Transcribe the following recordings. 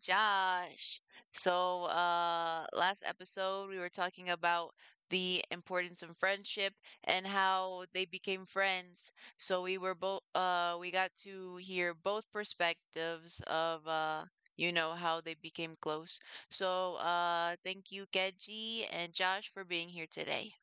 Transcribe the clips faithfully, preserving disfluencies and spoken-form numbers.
Josh. So, uh, last episode we were talking about the importance of friendship and how they became friends. So we were both uh, we got to hear both perspectives of uh, you know how they became close. So, uh, thank you, Kedzi and Josh, for being here today.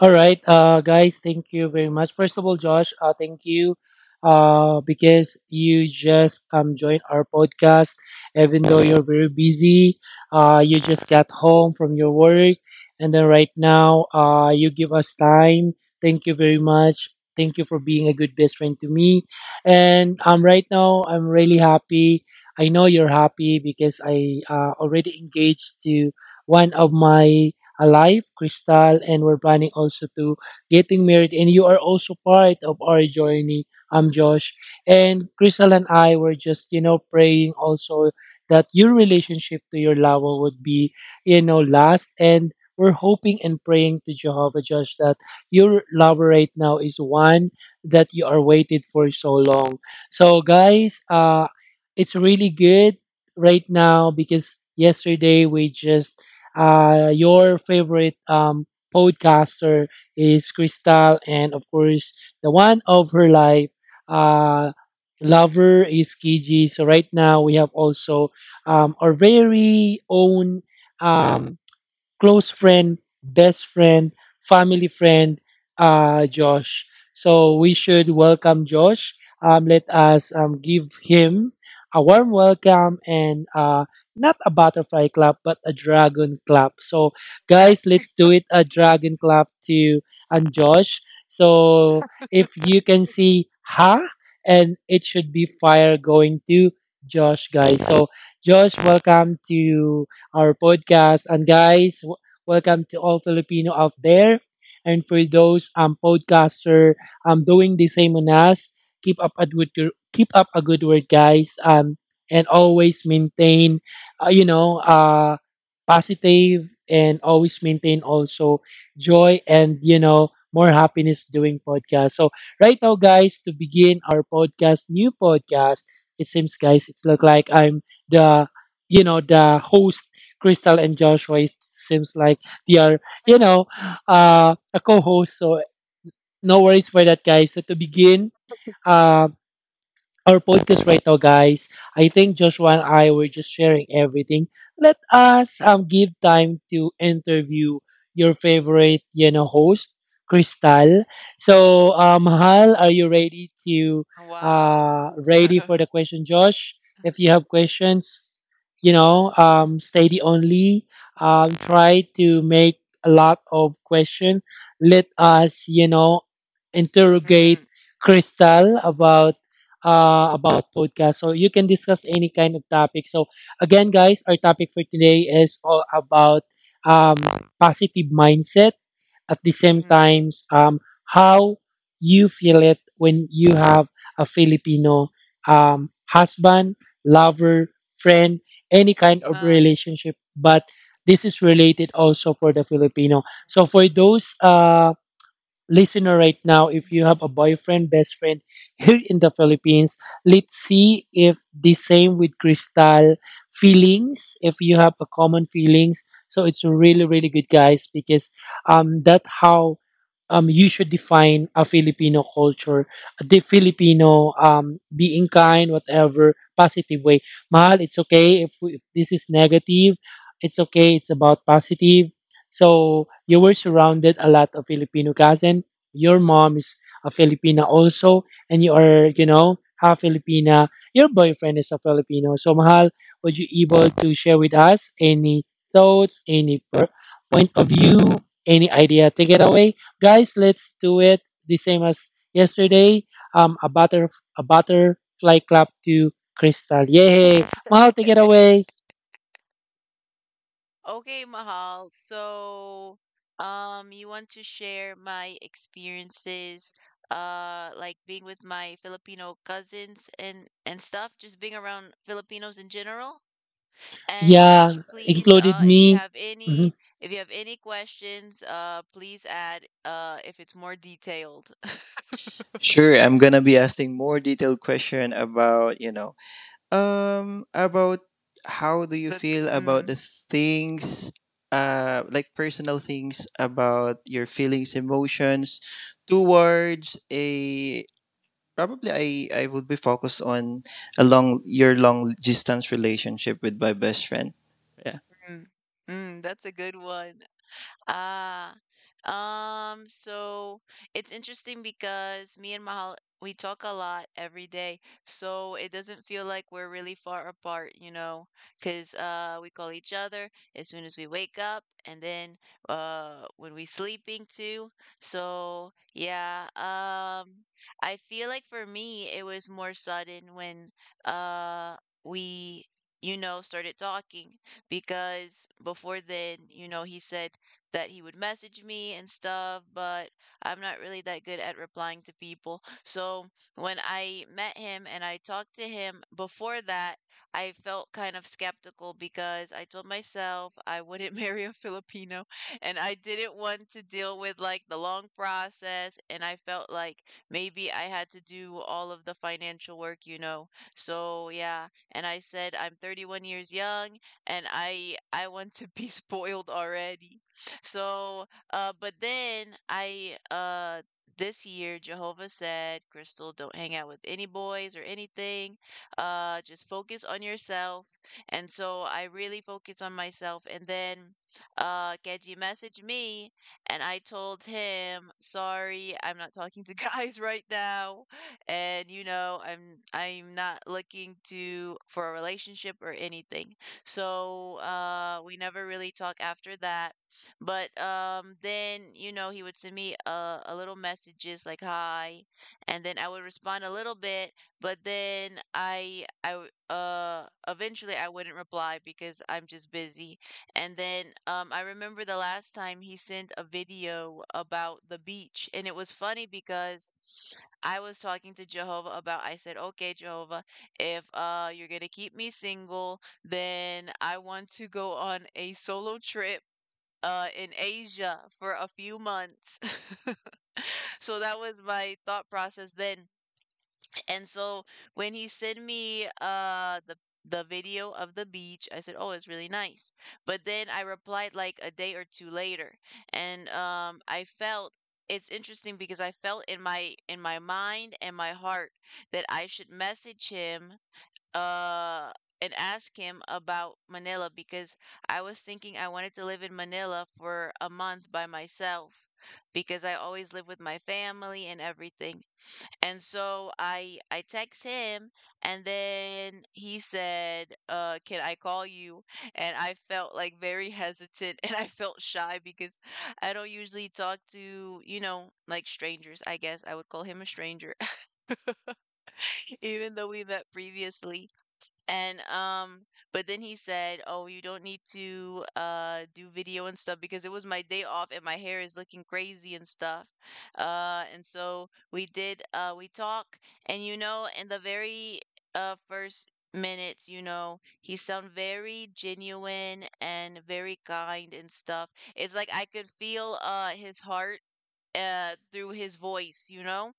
All right, uh, guys, thank you very much. First of all, Josh, uh, thank you uh, because you just um, joined our podcast. Even though you're very busy, uh, you just got home from your work, and then right now uh, you give us time. Thank you very much. Thank you for being a good best friend to me. And um, right now, I'm really happy. I know you're happy because I uh, already engaged to one of my alive, Crystal, and we're planning also to getting married. And you are also part of our journey, um, Josh. And Crystal and I were just, you know, praying also that your relationship to your Lawa would be, you know, last. And we're hoping and praying to Jehovah, Josh, that your Lawa right now is one that you are waited for so long. So, guys, uh, it's really good right now because yesterday we just Uh, your favorite um, podcaster is Crystal, and of course, the one of her life, uh, lover is Kiji. So right now we have also um, our very own um, close friend, best friend, family friend, uh, Josh. So we should welcome Josh. Um, let us um, give him a warm welcome and uh, not a butterfly clap, but a dragon clap. So, Drag guys, let's do it a dragon clap to and Josh. So, if you can see ha, and it should be fire going to Josh, guys. So, Josh, welcome to our podcast. And guys, w- welcome to all Filipino out there. And for those um podcaster um doing the same on us, keep up a good keep up a good work, guys. Um, and always maintain, uh, you know, uh, positive and always maintain also joy and you know more happiness doing podcast. So right now, guys, to begin our podcast, new podcast. It seems, guys, it's look like I'm the you know the host Crystal and Joshua it seems like they are you know uh, a co-host so no worries for that guys so to begin um, our podcast right now, guys. I think Joshua and I were just sharing everything. Let us um give time to interview your favorite, you know, host, Crystal. So um Hal, are you ready to wow. uh ready for the question, Josh? If you have questions, you know, um steady only. Um try to make a lot of question. Let us, you know, interrogate Mm, Crystal about uh, about podcast. So you can discuss any kind of topic. So again, guys, our topic for today is all about um, positive mindset. At the same mm, times, um, how you feel it when you have a Filipino um, husband, lover, friend, any kind of uh, relationship. But this is related also for the Filipino. So for those. Uh, listener right now if you have a boyfriend best friend here in the Philippines let's see if the same with Crystal feelings if you have a common feelings so it's really really good guys because um that how um you should define a Filipino culture the Filipino um being kind whatever positive way Mahal it's okay if, if this is negative it's okay it's about positive so you were surrounded a lot of Filipino cousin. Your mm, mom is a Filipina also, and you are, you know, half Filipina. Your boyfriend is a Filipino. So Mahal, would mm. you able to share with us any thoughts, any per- point of view, any idea? Take it away, guys. Let's do it the same as yesterday. Um, a butter, a butterfly clap to Crystal. Yay! Mahal, take it away. Okay, Mahal. So, um, you want to share my experiences, uh, like being with my Filipino cousins and and stuff, just being around Filipinos in general? And Josh, Yeah, please, included uh, if you me. have Mm-hmm. any, if you have any questions, uh, please add, uh, if it's more detailed. Sure, I'm gonna be asking more detailed question about you know um about how do you That, feel about the mm, things uh like personal things about your feelings, emotions towards a, probably I I would be focused on a long, your long distance relationship with my best friend. Yeah, mm, mm, that's a good one. Ah, um, so it's interesting because me and Mahal, we talk a lot every day, so it doesn't feel like we're really far apart, you know, because uh, we call each other as soon as we wake up and then uh, when we sleeping too. So, yeah, um, I feel like for me, it was more sudden when uh, we, you know, started talking, because before then, you know, he said that he would message me and stuff, but I'm not really that good at replying to people. So when I met him and I talked to him before that, I felt kind of skeptical because I told myself I wouldn't marry a Filipino and I didn't want to deal with like the long process. And I felt like maybe I had to do all of the financial work, you know. So yeah, and I said I'm thirty-one years young and I I want to be spoiled already. So, uh, but then I, uh, this year, Jehovah said, "Crystal, don't hang out with any boys or anything. Uh, just focus on yourself." And so I really focus on myself. And then, uh, Keji messaged me and I told him, "Sorry, I'm not talking to guys right now. And, you know, I'm, I'm not looking to, for a relationship or anything." So, uh, we never really talk after that, but um, then you know he would send me a, a little messages like "hi", and then I would respond a little bit, but then I I w- uh eventually I wouldn't reply because I'm just busy. And then um, I remember the last time he sent a video about the beach, and it was funny because I was talking to Jehovah about. I said, "Okay, Jehovah, if uh you're gonna keep me single, then I want to go on a solo trip uh, in Asia for a few months." So that was my thought process then. And so when he sent me uh, the the video of the beach, I said, "Oh, it's really nice." But then I replied like a day or two later, and um, I felt it's interesting because I felt in my in my mind and my heart that I should message him uh and ask him about Manila, because I was thinking I wanted to live in Manila for a month by myself because I always live with my family and everything. And so I I text him and then he said, uh, "Can I call you?" And I felt like very hesitant and I felt shy because I don't usually talk to, you know, like, strangers. I guess I would call him a stranger, even though we met previously. And um, but then he said, "Oh, you don't need to uh do video and stuff because it was my day off and my hair is looking crazy and stuff." Uh, and so we did. Uh, we talk, and you know, in the very uh first minutes, you know, he sound very genuine and very kind and stuff. It's like I could feel uh his heart uh through his voice, you know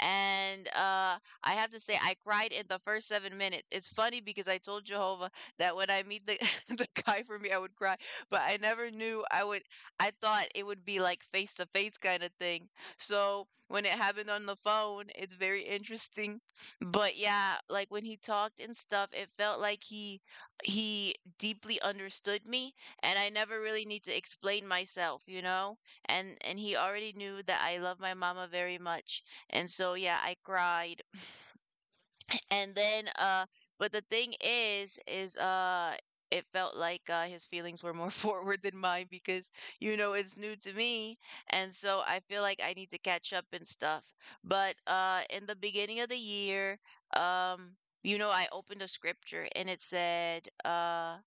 and uh, I have to say, I cried in the first seven minutes. It's funny because I told Jehovah that when I meet the, the guy for me, I would cry, but I never knew I would. I thought it would be like face to face kind of thing. So when it happened on the phone, it's very interesting. But yeah, like when he talked and stuff, it felt like he he deeply understood me and I never really need to explain myself, you know? And and he already knew that I love my mama very much. And so, yeah, I cried and then, uh, but the thing is, is uh, it felt like uh, his feelings were more forward than mine because, you know, it's new to me, and so I feel like I need to catch up and stuff. But uh, in the beginning of the year, um, you know, I opened a scripture and it said, uh,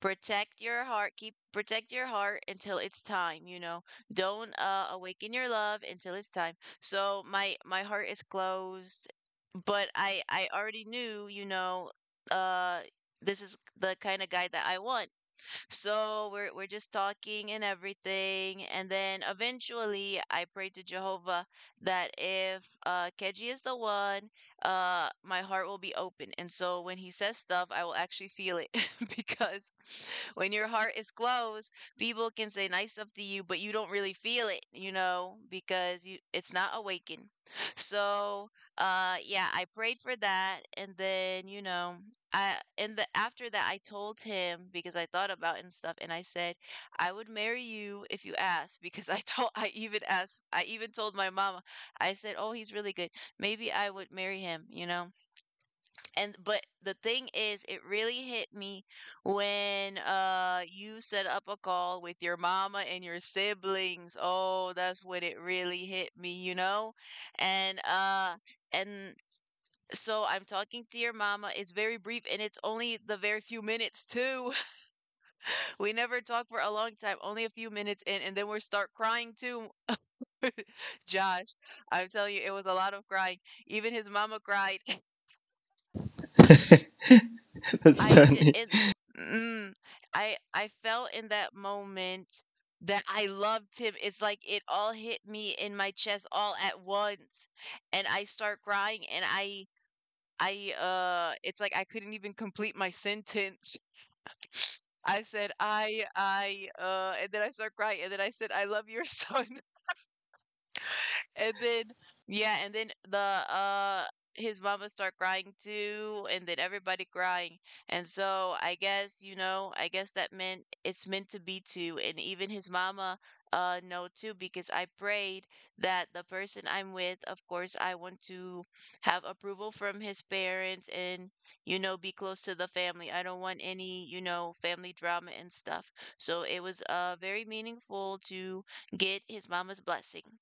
"Protect your heart, keep protect your heart until it's time. You know, don't uh, awaken your love until it's time." So my my heart is closed, but I I already knew, you know, uh this is the kind of guy that I want. So we're we're just talking and everything, and then eventually I pray to Jehovah that if uh Keji is the one, uh my heart will be open. And so when he says stuff, I will actually feel it because when your heart is closed, people can say nice stuff to you, but you don't really feel it, you know, because you it's not awakened. So uh yeah, I prayed for that. And then you know I and the after that I told him, because I thought about it and stuff, and I said I would marry you if you asked, because i told i even asked I even told my mama. I said, "Oh, he's really good, maybe I would marry him." You know and but the thing is, it really hit me when uh you set up a call with your mama and your siblings. Oh, that's when it really hit me, you know. And uh and so I'm talking to your mama. It's very brief and it's only the very few minutes too. We never talk for a long time, only a few minutes in, and then we start crying too. Josh, I'm telling you, it was a lot of crying. Even his mama cried. that's I j- funny. and mm, I I felt in that moment that I loved him. It's like it all hit me in my chest all at once, and I start crying, and I. I uh it's like I couldn't even complete my sentence. I said, "I I," uh, and then I start crying, and then I said, "I love your son." And then yeah, and then the uh his mama start crying too, and then everybody crying. And so I guess, you know, I guess that meant it's meant to be two. And even his mama uh know too, because I prayed that the person I'm with, of course, I want to have approval from his parents and, you know, be close to the family. I don't want any, you know, family drama and stuff. So it was uh very meaningful to get his mama's blessing.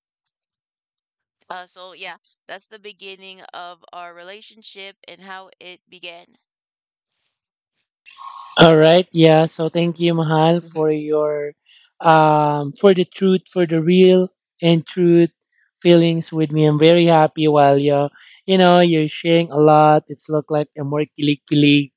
Uh, so yeah, that's the beginning of our relationship and how it began. All right, yeah. So thank you, Mahal, Mhm. for your um for the truth, for the real and truth feelings with me. I'm very happy while you you know you're sharing a lot. It's look like a more kilig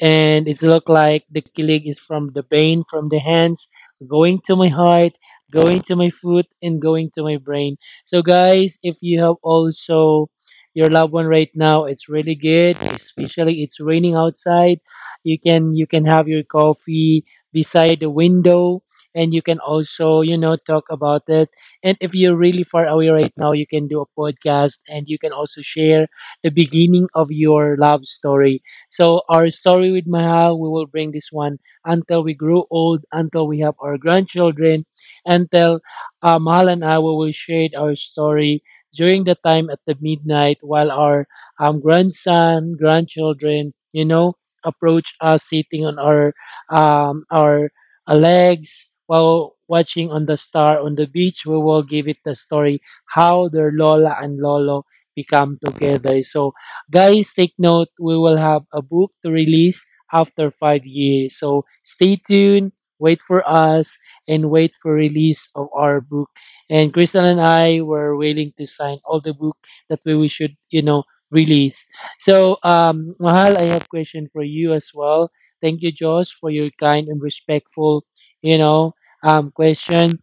and it's look like the killing is from the vein from the hands going to my heart going to my foot and going to my brain so guys if you have also your loved one right now it's really good especially it's raining outside you can you can have your coffee beside the window and you can also you know talk about it and if you're really far away right now you can do a podcast and you can also share the beginning of your love story so our story with Mahal, we will bring this one until we grow old, until we have our grandchildren, until uh, Mahal and I we will share our story during the time at the midnight while our um, grandson, grandchildren, you know, approach us sitting on our um, our uh, legs while watching on the star on the beach. We will give it the story how their Lola and Lolo become together. So guys, take note, we will have a book to release after five years. So stay tuned, wait for us, and wait for release of our book. And Crystal and I were willing to sign all the book that we should, you know, release. So, um, Mahal, I have question for you as well. Thank you, Josh, for your kind and respectful, you know, um, question.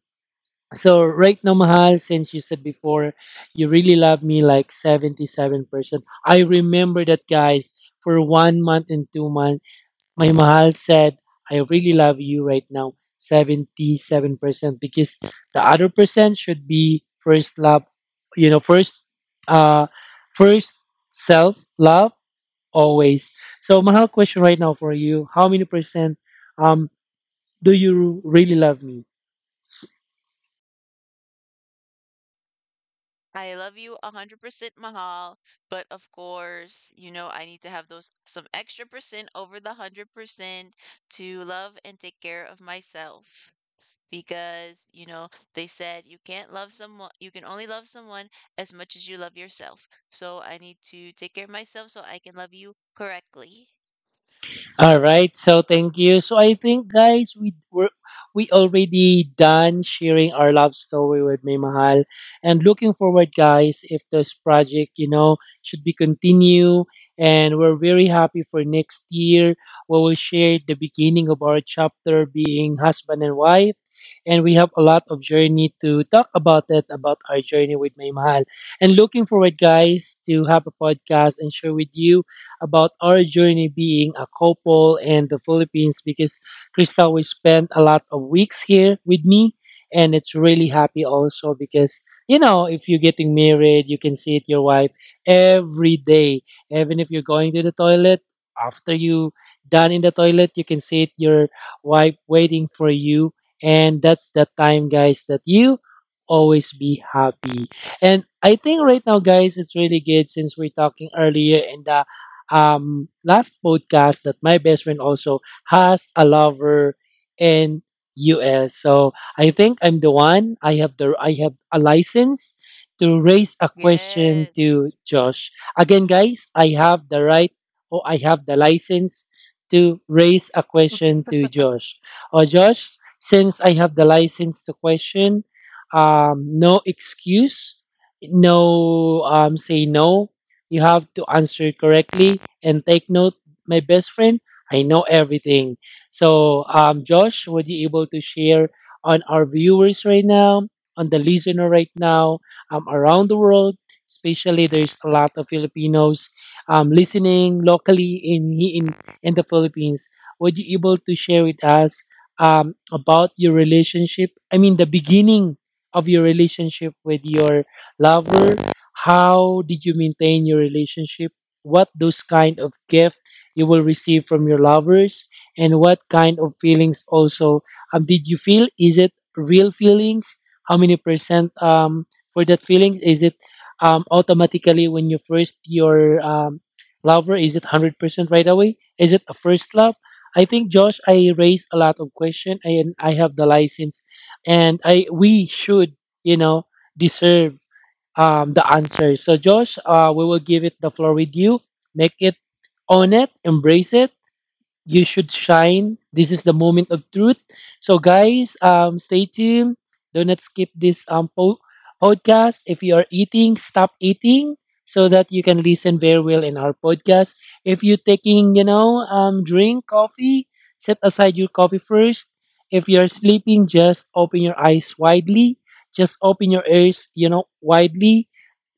So right now, Mahal, since you said before, you really love me like seventy-seven percent. I remember that, guys, for one month and two months, my Mahal said, I really love you right now, seventy-seven percent, because the other percent should be first love, you know, first, uh, first self love always. So Mahal, question right now for you, how many percent, um, do you really love me? I love you one hundred percent Mahal, but of course, you know, I need to have those some extra percent over the one hundred percent to love and take care of myself because, you know, they said you can't love someone, you can only love someone as much as you love yourself. So I need to take care of myself so I can love you correctly. All right, so thank you. So I think guys, we were we already done sharing our love story with May Mahal and looking forward guys if this project, you know, should be continue and we're very happy for next year we will share the beginning of our chapter being husband and wife and we have a lot of journey to talk about it about our journey with May Mahal and looking forward guys to have a podcast and share with you about our journey being a couple in the Philippines because Crystal we spent a lot of weeks here with me and it's really happy also because you know if you're getting married you can see it your wife every day even if you're going to the toilet after you done in the toilet you can see it your wife waiting for you and that's the time guys that you always be happy and I think right now guys it's really good since we're talking earlier in the um, last podcast that my best friend also has a lover in U S. So I think I'm the one. I have the I have a license to raise a question to Yes. Josh. Again, guys, I have the right or I have the license to raise a question to Josh. Or Josh, since I have the license to question, um, no excuse, no um, say no. You have to answer correctly and take note, my best friend, I know everything. So, um, Josh, would you able to share on our viewers right now, on the listener right now, um, around the world, especially there's a lot of Filipinos um, listening locally in, in in the Philippines. Would you able to share with us um, about your relationship? I mean, the beginning of your relationship with your lover. How did you maintain your relationship? What those kind of gift you will receive from your lovers and what kind of feelings also um, did you feel is it real feelings how many percent um, for that feelings is it um, automatically when you first your um, lover is it one hundred percent right away is it a first love I think Josh I raised a lot of question and I have the license and I we should you know deserve um, the answer. So, Josh, uh, we will give it the floor with you. Make it, own it, embrace it. You should shine. This is the moment of truth. So, guys, um, stay tuned. Do not skip this um, po- podcast. If you are eating, stop eating so that you can listen very well in our podcast. If you're taking, you know, um, drink coffee, set aside your coffee first. If you're sleeping, just open your eyes widely. Just open your ears, you know, widely.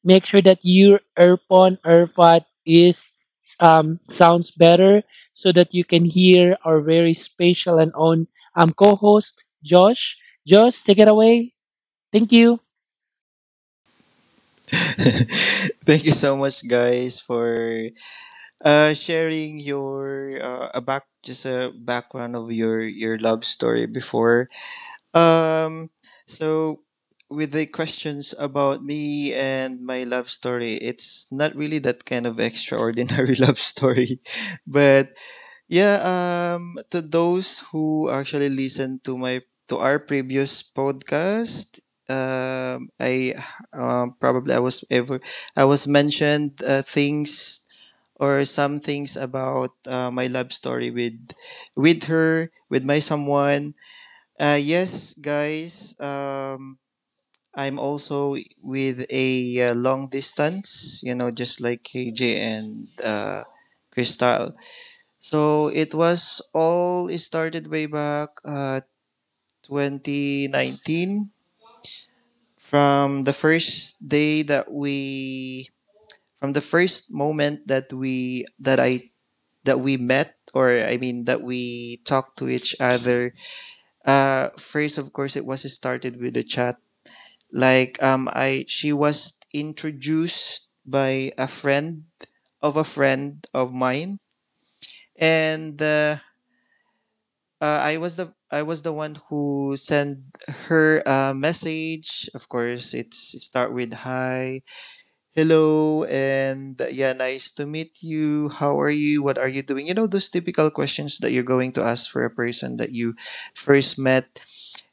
Make sure that your earphone, earpod is um, sounds better so that you can hear our very special and own um, co-host Josh. Josh, take it away. Thank you. Thank you so much, guys, for uh sharing your uh, a back, just a background of your your love story before, um so with the questions about me and my love story. It's not really that kind of extraordinary love story, but yeah, um to those who actually listen to my to our previous podcast, um I um probably I was ever I was mentioned uh, things or some things about uh, my love story with with her, with my someone. Uh yes, guys, um I'm also with a uh, long distance, you know, just like K J and uh Crystal. So it was all it started way back uh, twenty nineteen, from the first day that we from the first moment that we that I that we met, or I mean that we talked to each other. Uh, first, of course, it was started with a chat. Like um, I she was introduced by a friend of a friend of mine, and uh, uh, I was the I was the one who sent her a message. Of course, it's, it start with hi, hello, and yeah, nice to meet you. How are you? What are you doing? You know, those typical questions that you're going to ask for a person that you first met.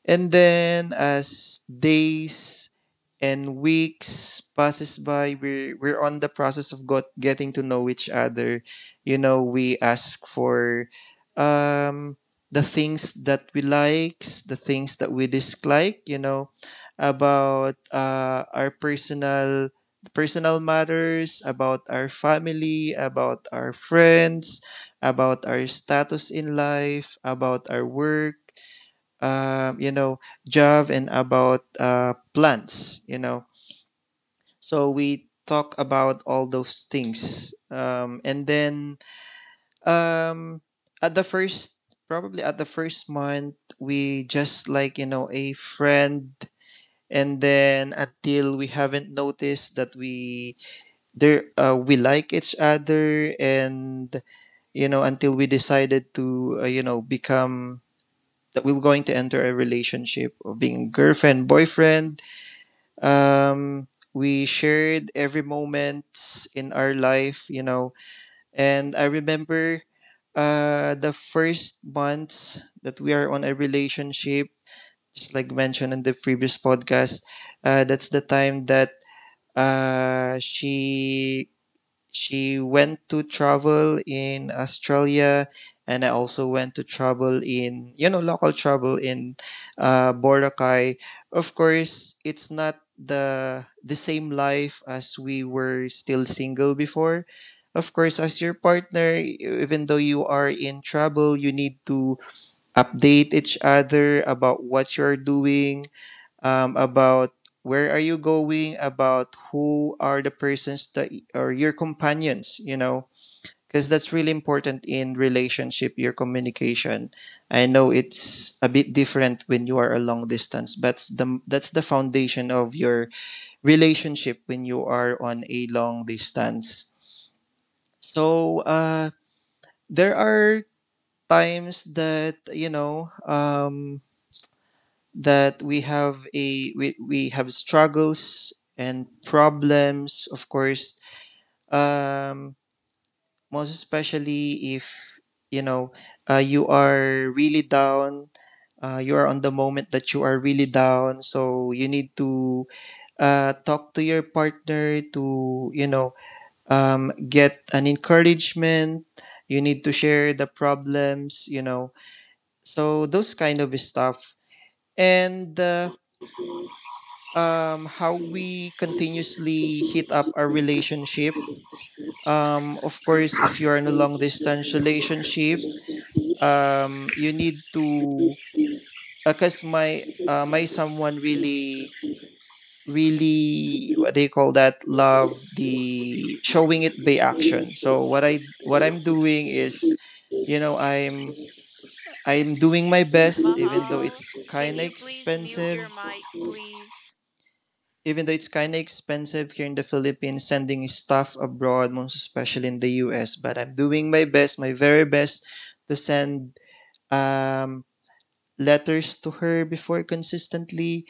And then as days and weeks passes by, we're, we're on the process of got, getting to know each other. You know, we ask for um, the things that we likes, the things that we dislike, you know, about uh, our personal personal matters, about our family, about our friends, about our status in life, about our work, uh, you know, Jav, and about uh, plants, you know. So we talk about all those things. Um, and then um, at the first, probably at the first month, we just like, you know, a friend. And then until we haven't noticed that we there uh, we like each other, and you know, until we decided to uh, you know, become, that we were going to enter a relationship of being girlfriend, boyfriend. Um, we shared every moment in our life, you know. And I remember uh, the first months that we are on a relationship, just like mentioned in the previous podcast, uh, that's the time that uh, she she went to travel in Australia, and I also went to travel in, you know, local travel in uh, Boracay. Of course, it's not the the same life as we were still single before. Of course, as your partner, even though you are in trouble, you need to update each other about what you're doing, um, about where are you going, about who are the persons that are your companions, you know, because that's really important in relationship, your communication. I know it's a bit different when you are a long distance, but s- the, that's the foundation of your relationship when you are on a long distance. So uh, there are times that, you know, um, that we have a we, we have struggles and problems, of course, um most especially if, you know, uh, you are really down, uh, you are on the moment that you are really down, so you need to uh, talk to your partner to, you know, um, get an encouragement, you need to share the problems, you know, so those kind of stuff. And uh, um, how we continuously heat up our relationship. Um, of course, if you are in a long distance relationship, um, you need to, because uh, my uh, my someone really, really, what they call that, love the showing it by action. So what I, what I'm doing is, you know, i'm i'm doing my best. Even though Mahal, it's can kind of you please mute your expensive, mic, please? even though it's kind of expensive here in the Philippines, sending stuff abroad, most especially in the U S. But I'm doing my best, my very best, to send um, letters to her before consistently.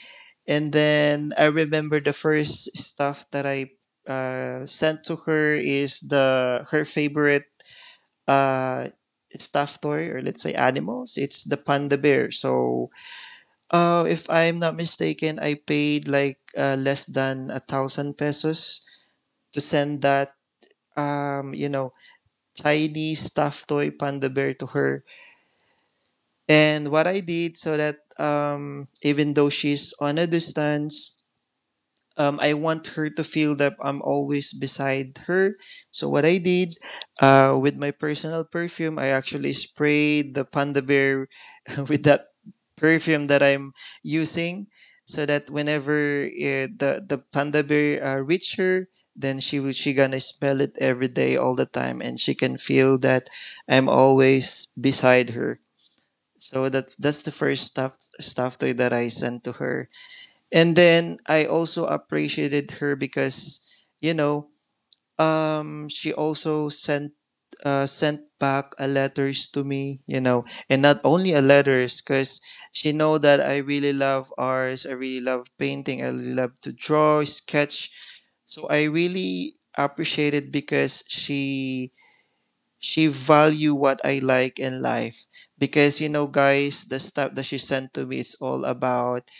And then I remember the first stuff that I uh, sent to her is the her favorite uh, stuffed toy, or let's say animals. It's the panda bear. So uh, if I'm not mistaken, I paid like uh, less than a thousand pesos to send that, um, you know, tiny stuffed toy panda bear to her. And what I did so that um, even though she's on a distance, um, I want her to feel that I'm always beside her. So what I did, uh, with my personal perfume, I actually sprayed the panda bear with that perfume that I'm using, so that whenever uh, the the panda bear uh, reach her, then she will she gonna smell it every day, all the time, and she can feel that I'm always beside her. So that's that's the first stuff stuff toy that I sent to her. And then I also appreciated her, because, you know, um, she also sent uh, sent back a letters to me, you know, and not only a letters, because she know that I really love arts, I really love painting, I really love to draw, sketch. So I really appreciate it, because she she value what I like in life. Because you know, guys, the stuff that she sent to me is all about,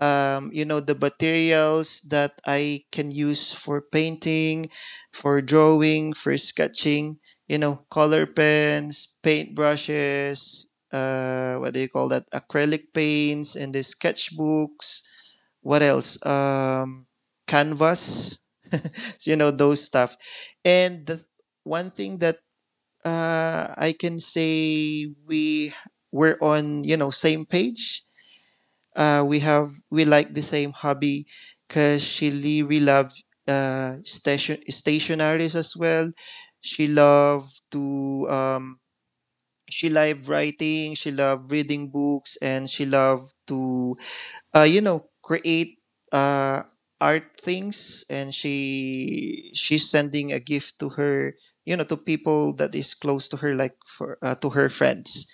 um, you know, the materials that I can use for painting, for drawing, for sketching. You know, color pens, paint brushes. Uh, what do you call that? Acrylic paints and the sketchbooks. What else? Um, canvas. you know, those stuff. And the one thing that uh, I can say we were on, you know, same page, uh, we have, we like the same hobby, because she really loves uh, station stationaries as well. She loved to um, she loved writing. She loved reading books, and she loved to uh, you know, create uh, art things. And she she's sending a gift to her, you know, to people that is close to her, like for uh, to her friends.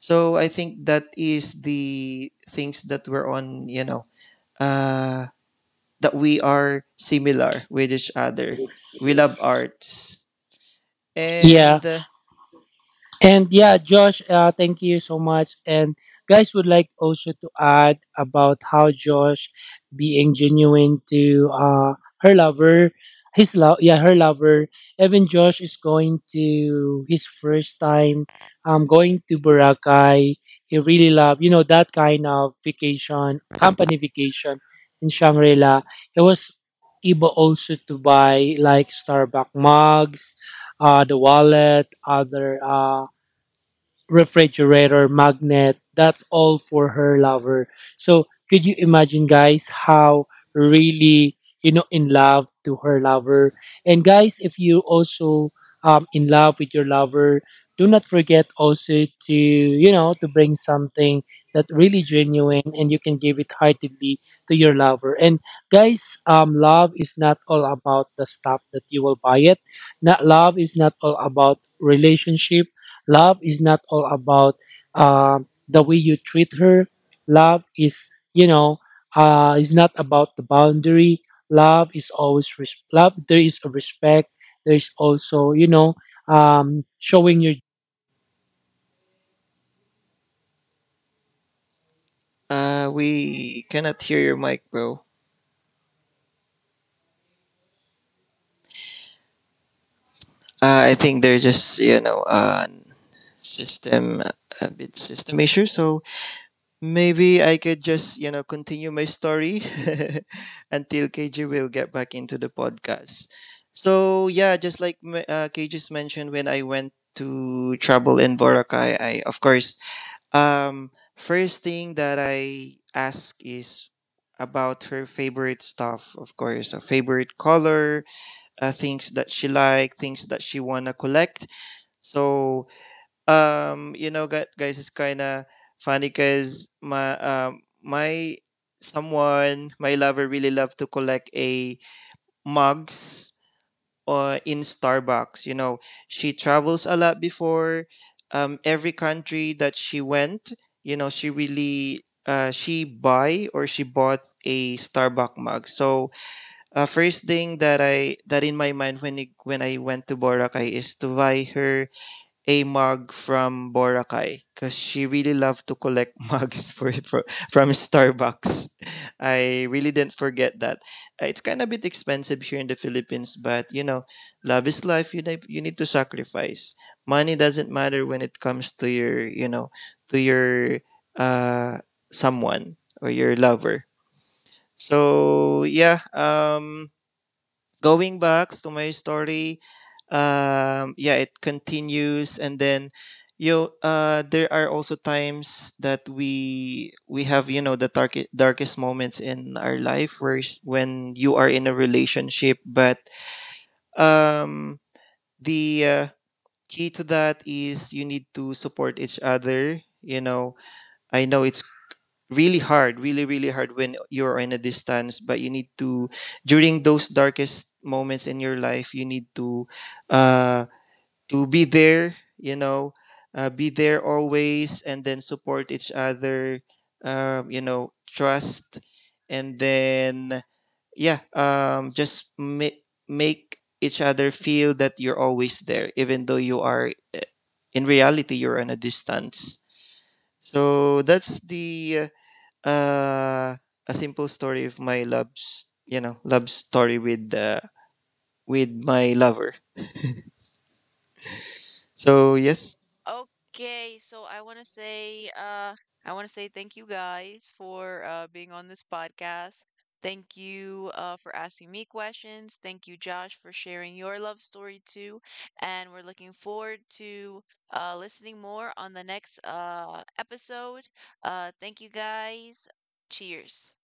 So I think that is the things that were on, you know, uh, that we are similar with each other. We love arts. And Yeah. And yeah, Josh, uh, thank you so much. And guys would like also to add about how Josh being genuine to uh, her lover, his love, yeah, her lover. Even Josh is going to his first time um, going to Boracay. He really love, you know, that kind of vacation, company vacation in Shangri-La. He was able also to buy like Starbucks mugs, uh, the wallet, other. Uh, refrigerator, magnet, that's all for her lover. So could you imagine guys how really you know in love to her lover? And guys, if you also um in love with your lover, do not forget also to you know to bring something that really genuine and you can give it heartedly to your lover. And guys, um love is not all about the stuff that you will buy it. Not love is not all about relationship. Love is not all about uh, the way you treat her. Love is, you know, uh, is not about the boundary. Love is always res- love. There is a respect. There is also, you know, um, showing your uh, we cannot hear your mic, bro. Uh, I think they're just, you know, uh, system, a bit system issue. So maybe I could just, you know, continue my story until K J will get back into the podcast. So yeah, just like m- uh, K G's mentioned, when I went to travel in Boracay, I, of course, Um, first thing that I ask is about her favorite stuff, of course, a favorite color, uh, things that she like, things that she wanna collect. So, um, you know, gu- guys, it's kind of funny because my um my someone, my lover, really love to collect a mugs uh, in Starbucks. You know, she travels a lot before, um, every country that she went. You know, she really uh, she buy or she bought a Starbucks mug. So uh, first thing that I that in my mind when I, when I went to Boracay is to buy her a mug from Boracay, because she really loved to collect mugs for, for from Starbucks. I really didn't forget that. Uh, It's kind of bit expensive here in the Philippines, but you know, love is life. You need, you need to sacrifice. Money doesn't matter when it comes to your, you know, to your uh someone or your lover. So yeah, um going back to my story, um yeah, it continues, and then you know, uh there are also times that we we have, you know, the darkest darkest moments in our life where s- when you are in a relationship. But um the uh, key to that is you need to support each other. You know, I know it's really hard, really, really hard when you're in a distance. But you need to, during those darkest moments in your life, you need to, uh, to be there. You know, uh, be there always, and then support each other. Um, you know, trust, and then yeah, um, just ma- make each other feel that you're always there, even though you are, in reality, you're on a distance. So that's the uh, uh, a simple story of my love's, you know, love story with uh, with my lover. So yes, Okay, so I want to say, uh, I want to say thank you guys for uh, being on this podcast. Thank you uh, for asking me questions. Thank you, Josh, for sharing your love story too. And we're looking forward to uh, listening more on the next uh, episode. Uh, thank you guys. Cheers.